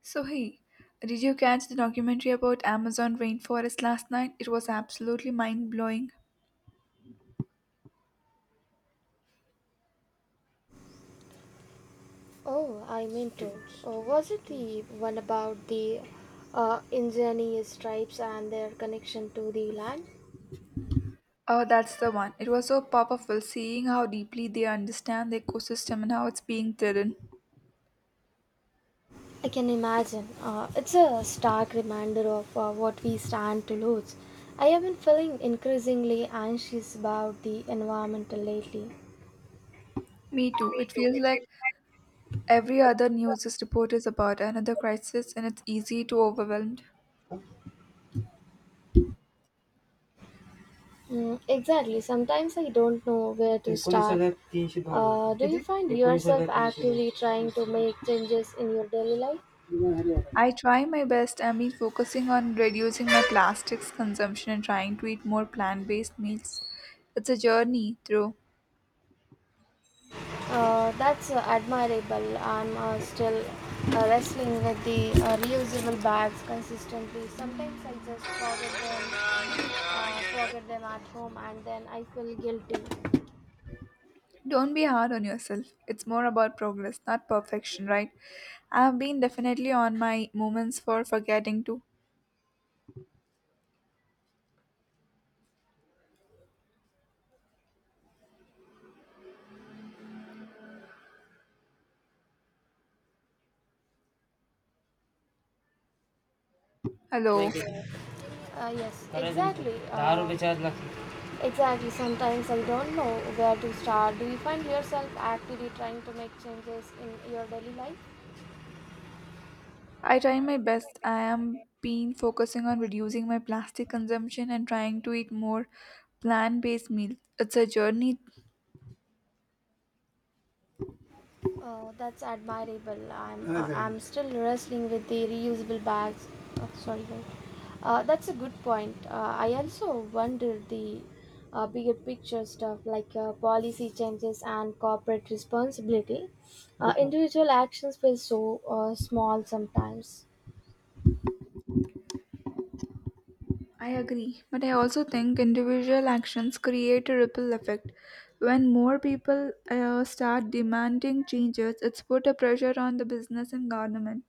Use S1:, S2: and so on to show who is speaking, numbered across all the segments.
S1: So, hey, did you catch the documentary about Amazon rainforest last night? It was absolutely mind blowing.
S2: Oh, I meant to. Oh, was it the one about the ingenious tribes and their connection to the land?
S1: Oh, that's the one. It was so powerful seeing how deeply they understand the ecosystem and how it's being threatened.
S2: I can imagine. It's a stark reminder of what we stand to lose. I have been feeling increasingly anxious about the environment lately.
S1: Me too. It feels like every other news is report is about another crisis and it's easy to overwhelmed.
S2: Mm, exactly. Sometimes I don't know where to start. Do you find yourself actively trying to make changes in your daily life?
S1: I try my best. I mean, focusing on reducing my plastics consumption and trying to eat more plant based meals. It's a journey through.
S2: That's admirable. I'm still wrestling with the reusable bags consistently. Sometimes I just forget them at home, and then I feel guilty.
S1: Don't be hard on yourself. It's more about progress, not perfection, right? I've been definitely on my moments for forgetting to. Hello.
S2: Bank yes, करे exactly. दारू बेचार लखी exactly. Sometimes I don't know where to start. Do you find yourself actively trying to make changes in your daily life?
S1: I try my best. I am been focusing on reducing my plastic consumption and trying to eat more plant-based meals. It's a journey.
S2: Oh, that's admirable. I'm Ah, thank I'm still wrestling with the reusable bags. Oh, sorry, guys. That's a good point. I also wonder the bigger picture stuff like policy changes and corporate responsibility. Individual actions feel so small sometimes.
S1: I agree, but I also think individual actions create a ripple effect. When more people start demanding changes, it's put a pressure on the business and government.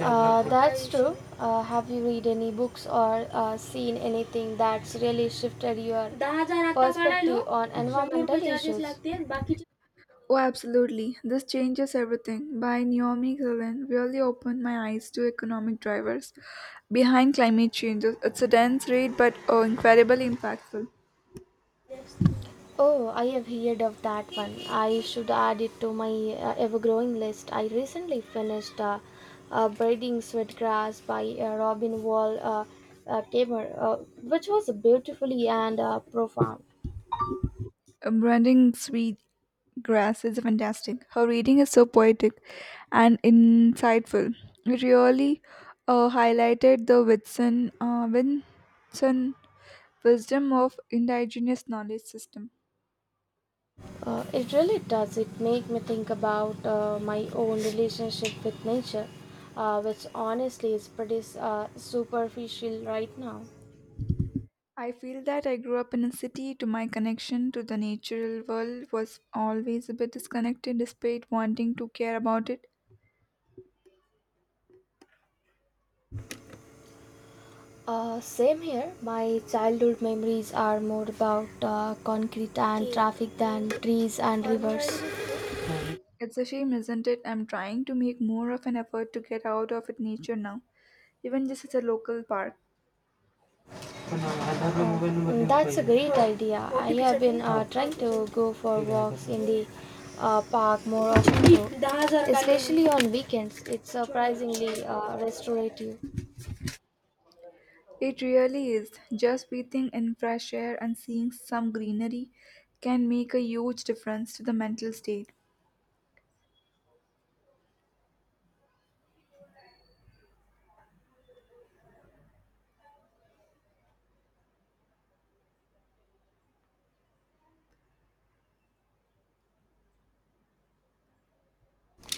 S2: That's true. Have you read any books or seen anything that's really shifted your perspective on environmental issues?
S1: Oh, absolutely. This changes everything by Naomi Klein, really opened my eyes to economic drivers behind climate changes. It's a dense read, but oh, incredibly impactful.
S2: Oh, I have heard of that one. I should add it to my ever growing list. I recently finished Braiding Sweetgrass by Robin Wall Kamer, which was beautifully and profound.
S1: Brandon Sweet Grass is fantastic. Her reading is so poetic and insightful. It really highlighted the Winson wisdom of indigenous knowledge system.
S2: It really does. It make me think about my own relationship with nature, which honestly is pretty superficial right now.
S1: I feel that I grew up in a city, to my connection to the natural world was always a bit disconnected despite wanting to care about it.
S2: Same here. My childhood memories are more about concrete and traffic than trees and rivers.
S1: It's a shame, isn't it? I'm trying to make more of an effort to get out of it nature now, even just at a local park.
S2: Mm, that's a great idea. I have been trying to go for walks in the park more often, though, especially on weekends. It's surprisingly restorative.
S1: It really is. Just breathing in fresh air and seeing some greenery can make a huge difference to the mental state.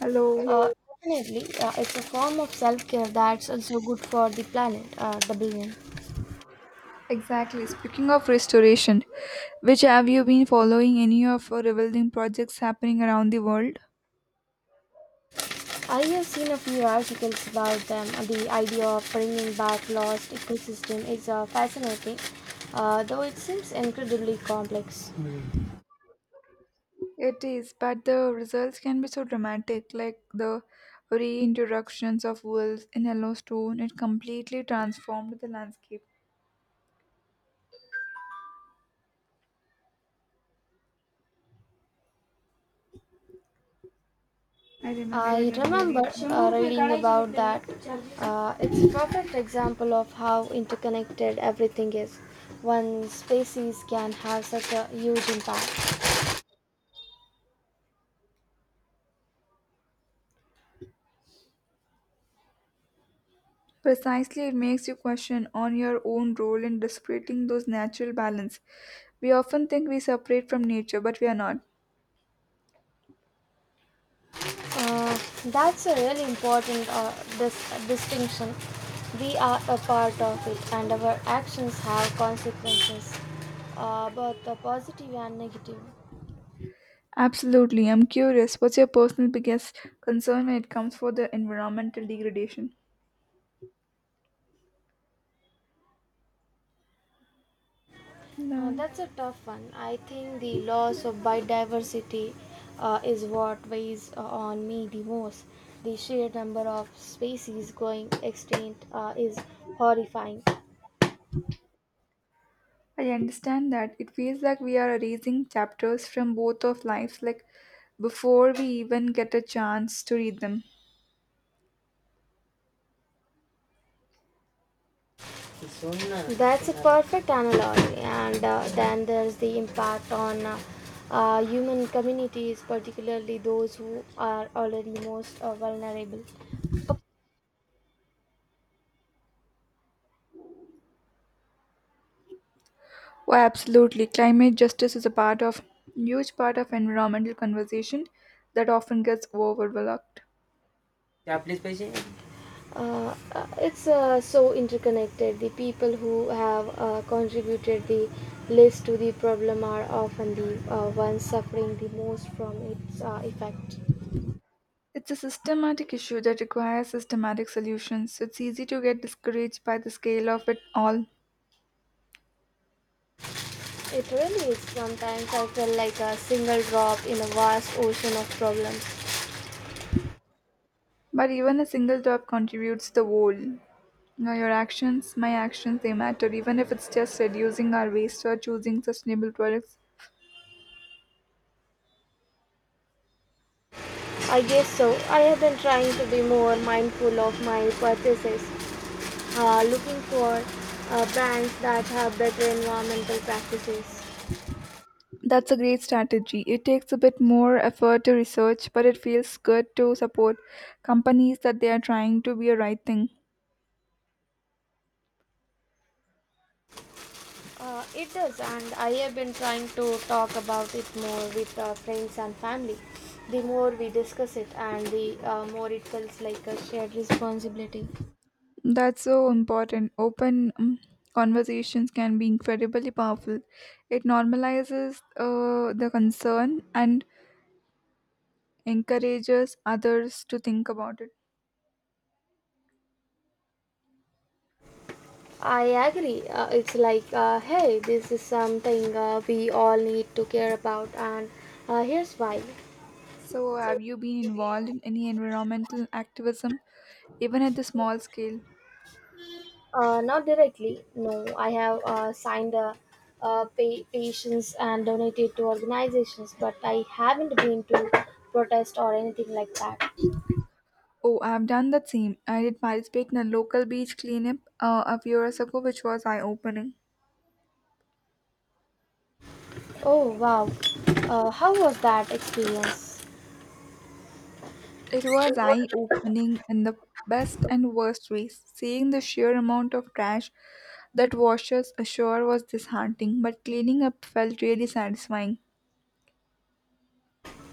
S1: Hello.
S2: Uh, Definitely, it's a form of self care that's also good for the planet, the billion.
S1: Exactly. Speaking of restoration, which have you been following any of our rebuilding projects happening around the world?
S2: I have seen a few articles about them. The idea of bringing back lost ecosystem is fascinating, though it seems incredibly complex.
S1: It is, but the results can be so dramatic, like the reintroductions of wolves in Yellowstone. It completely transformed the landscape. I remember
S2: I
S1: reading
S2: remember
S1: about that.
S2: reading about that. It's a perfect example of how interconnected everything is. One species can have such a huge impact.
S1: Precisely, it makes you question on your own role in disrupting those natural balance. We often think we separate from nature, but we are not.
S2: Uh, that's a really important distinction. We are a part of it, and our actions have consequences, both the positive and negative.
S1: Absolutely, I'm curious. What's your personal biggest concern when it comes for the environmental degradation? None.
S2: That's a tough one. I think the loss of biodiversity is what weighs on me the most. The sheer number of species going extinct is horrifying.
S1: I understand that. It feels like we are erasing chapters from both of lives, like before we even get a chance to read them.
S2: That's a perfect analogy, and then there's the impact on human communities, particularly those who are already most vulnerable.
S1: Oh, absolutely. Climate justice is a part of huge part of environmental conversation that often gets overlooked.
S2: आपलेच पैसे it's so interconnected. The people who have contributed the least to the problem are often the ones suffering the most from its effect.
S1: It's a systematic issue that requires systematic solutions. It's easy to get discouraged by the scale of it all,
S2: It really is. Sometimes I feel like a single drop in a vast ocean of problems.
S1: but even a single drop contributes the whole. Now your actions, my actions, they matter, even if it's just reducing our waste or choosing sustainable products.
S2: I guess so. I have been trying to be more mindful of my purchases, looking for brands that have better environmental practices.
S1: That's a great strategy. It takes a bit more effort to research, but it feels good to support companies that they are trying to be a right thing.
S2: It does, and I have been trying to talk about it more with friends and family. The more we discuss it, and the more it feels like a shared responsibility.
S1: That's so important. Open conversations can be incredibly powerful. It normalizes the concern and encourages others to think about it.
S2: I agree. It's like, hey, this is something we all need to care about, and here's why.
S1: So, have you been involved in any environmental activism, even at the small scale?
S2: Not directly, no. I have signed patients and donated to organizations, but I haven't been to protest or anything like that.
S1: Oh, I have done that same. I did participate in a local beach cleanup a few years ago, which was eye opening.
S2: Oh wow, how was that experience?
S1: It was eye opening in the best and worst ways. Seeing the sheer amount of trash that washes ashore was disheartening, but cleaning up felt really satisfying.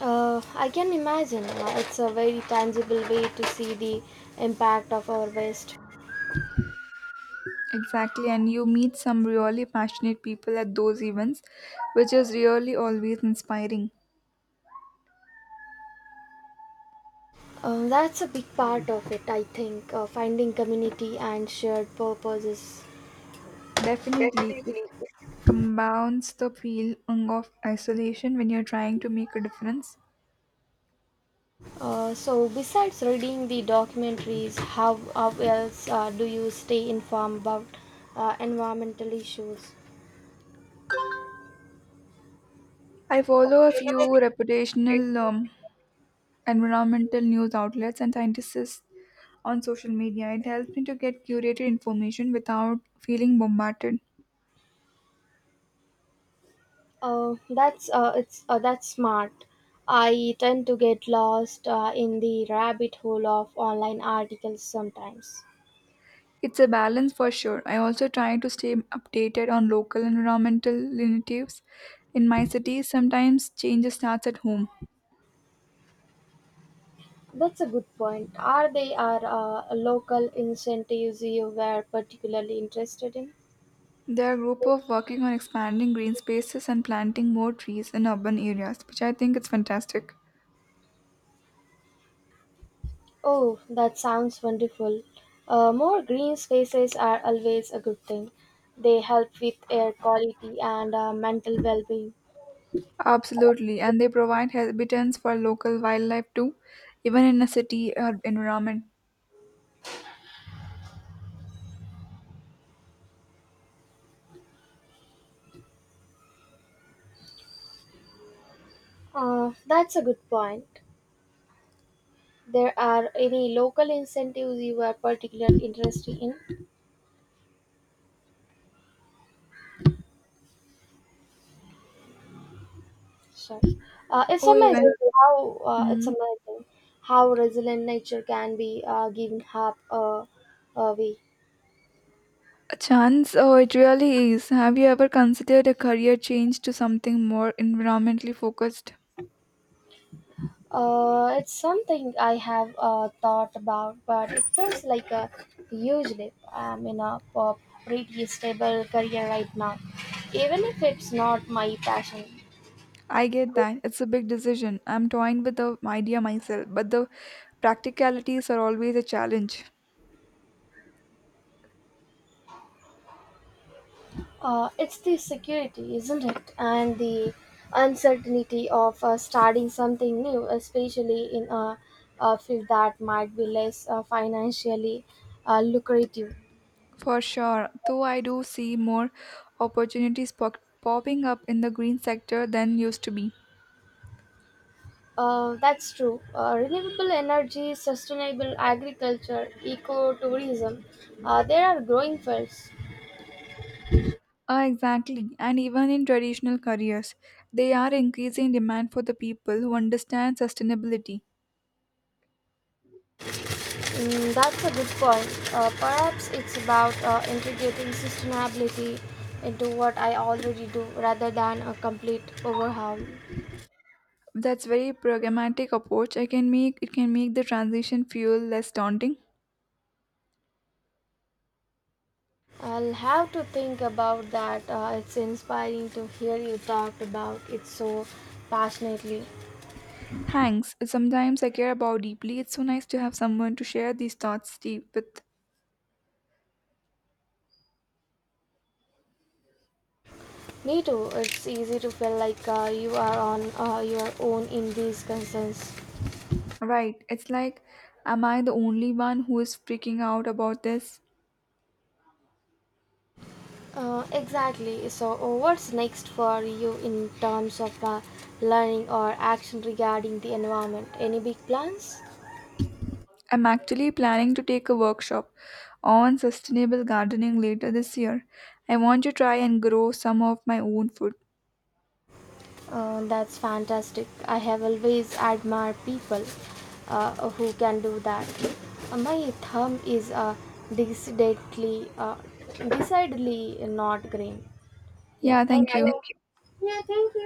S2: I can imagine. It's a very tangible way to see the impact of our waste.
S1: Exactly, and you meet some really passionate people at those events, which is really always inspiring.
S2: That's a big part of it, I think. Finding community and shared purposes.
S1: Definitely, it compounds the feeling of isolation when you're trying to make a difference.
S2: So besides reading the documentaries, how else do you stay informed about environmental issues?
S1: I follow a few reputational environmental news outlets and scientists on social media. It helps me to get curated information without feeling bombarded.
S2: That's smart. I tend to get lost in the rabbit hole of online articles sometimes.
S1: It's a balance for sure. I also try to stay updated on local environmental initiatives in my city. Sometimes changes starts at home.
S2: That's a good point. Are there local incentives you were particularly interested in?
S1: There are a group of working on expanding green spaces and planting more trees in urban areas, which I think is fantastic.
S2: Oh, that sounds wonderful. More green spaces are always a good thing. They help with air quality and mental well being.
S1: Absolutely, and they provide habitats for local wildlife too, even in a city or environment.
S2: That's a good point. There are any local incentives you are particularly interested in? Sorry. Uh, it's
S1: Oh, even.
S2: amazing it's
S1: Mm.
S2: amazing how resilient nature can be given a way.
S1: A chance? Oh, it really is. Have you ever considered a career change to something more environmentally focused?
S2: It's something I have thought about, but it feels like a huge leap. I'm in a pretty stable career right now, even if it's not my passion.
S1: I get that. It's a big decision. I'm toying with the idea myself, but the practicalities are always a challenge.
S2: It's the security, isn't it? And the uncertainty of starting something new, especially in a field that might be less financially lucrative.
S1: For sure, though I do see more opportunities popping up in the green sector than used to be.
S2: That's true. Renewable energy, sustainable agriculture, ecotourism, there are growing fields.
S1: Ah, exactly, and even in traditional careers, they are increasing demand for the people who understand sustainability.
S2: Mm, that's a good point. Perhaps it's about integrating sustainability into what I already do rather than a complete overhaul.
S1: That's very pragmatic approach. I can make it can make the transition feel less daunting.
S2: I'll have to think about that. It's inspiring to hear you talk about it so passionately.
S1: Thanks. Sometimes I care about deeply. It's so nice to have someone to share these thoughts deep with.
S2: Me too. It's easy to feel like you are on your own in these concerns.
S1: Right. It's like, am I the only one who is freaking out about this?
S2: Exactly. So, what's next for you in terms of learning or action regarding the environment? Any big plans?
S1: I'm actually planning to take a workshop on sustainable gardening later this year. I want to try and grow some of my own food.
S2: That's fantastic. I have always admired people who can do that. My thumb is decidedly, uh, decidedly not green. Yeah,
S1: Yeah,
S2: thank
S1: thank
S2: Yeah, you.
S1: you.
S2: Thank you. Yeah, thank you.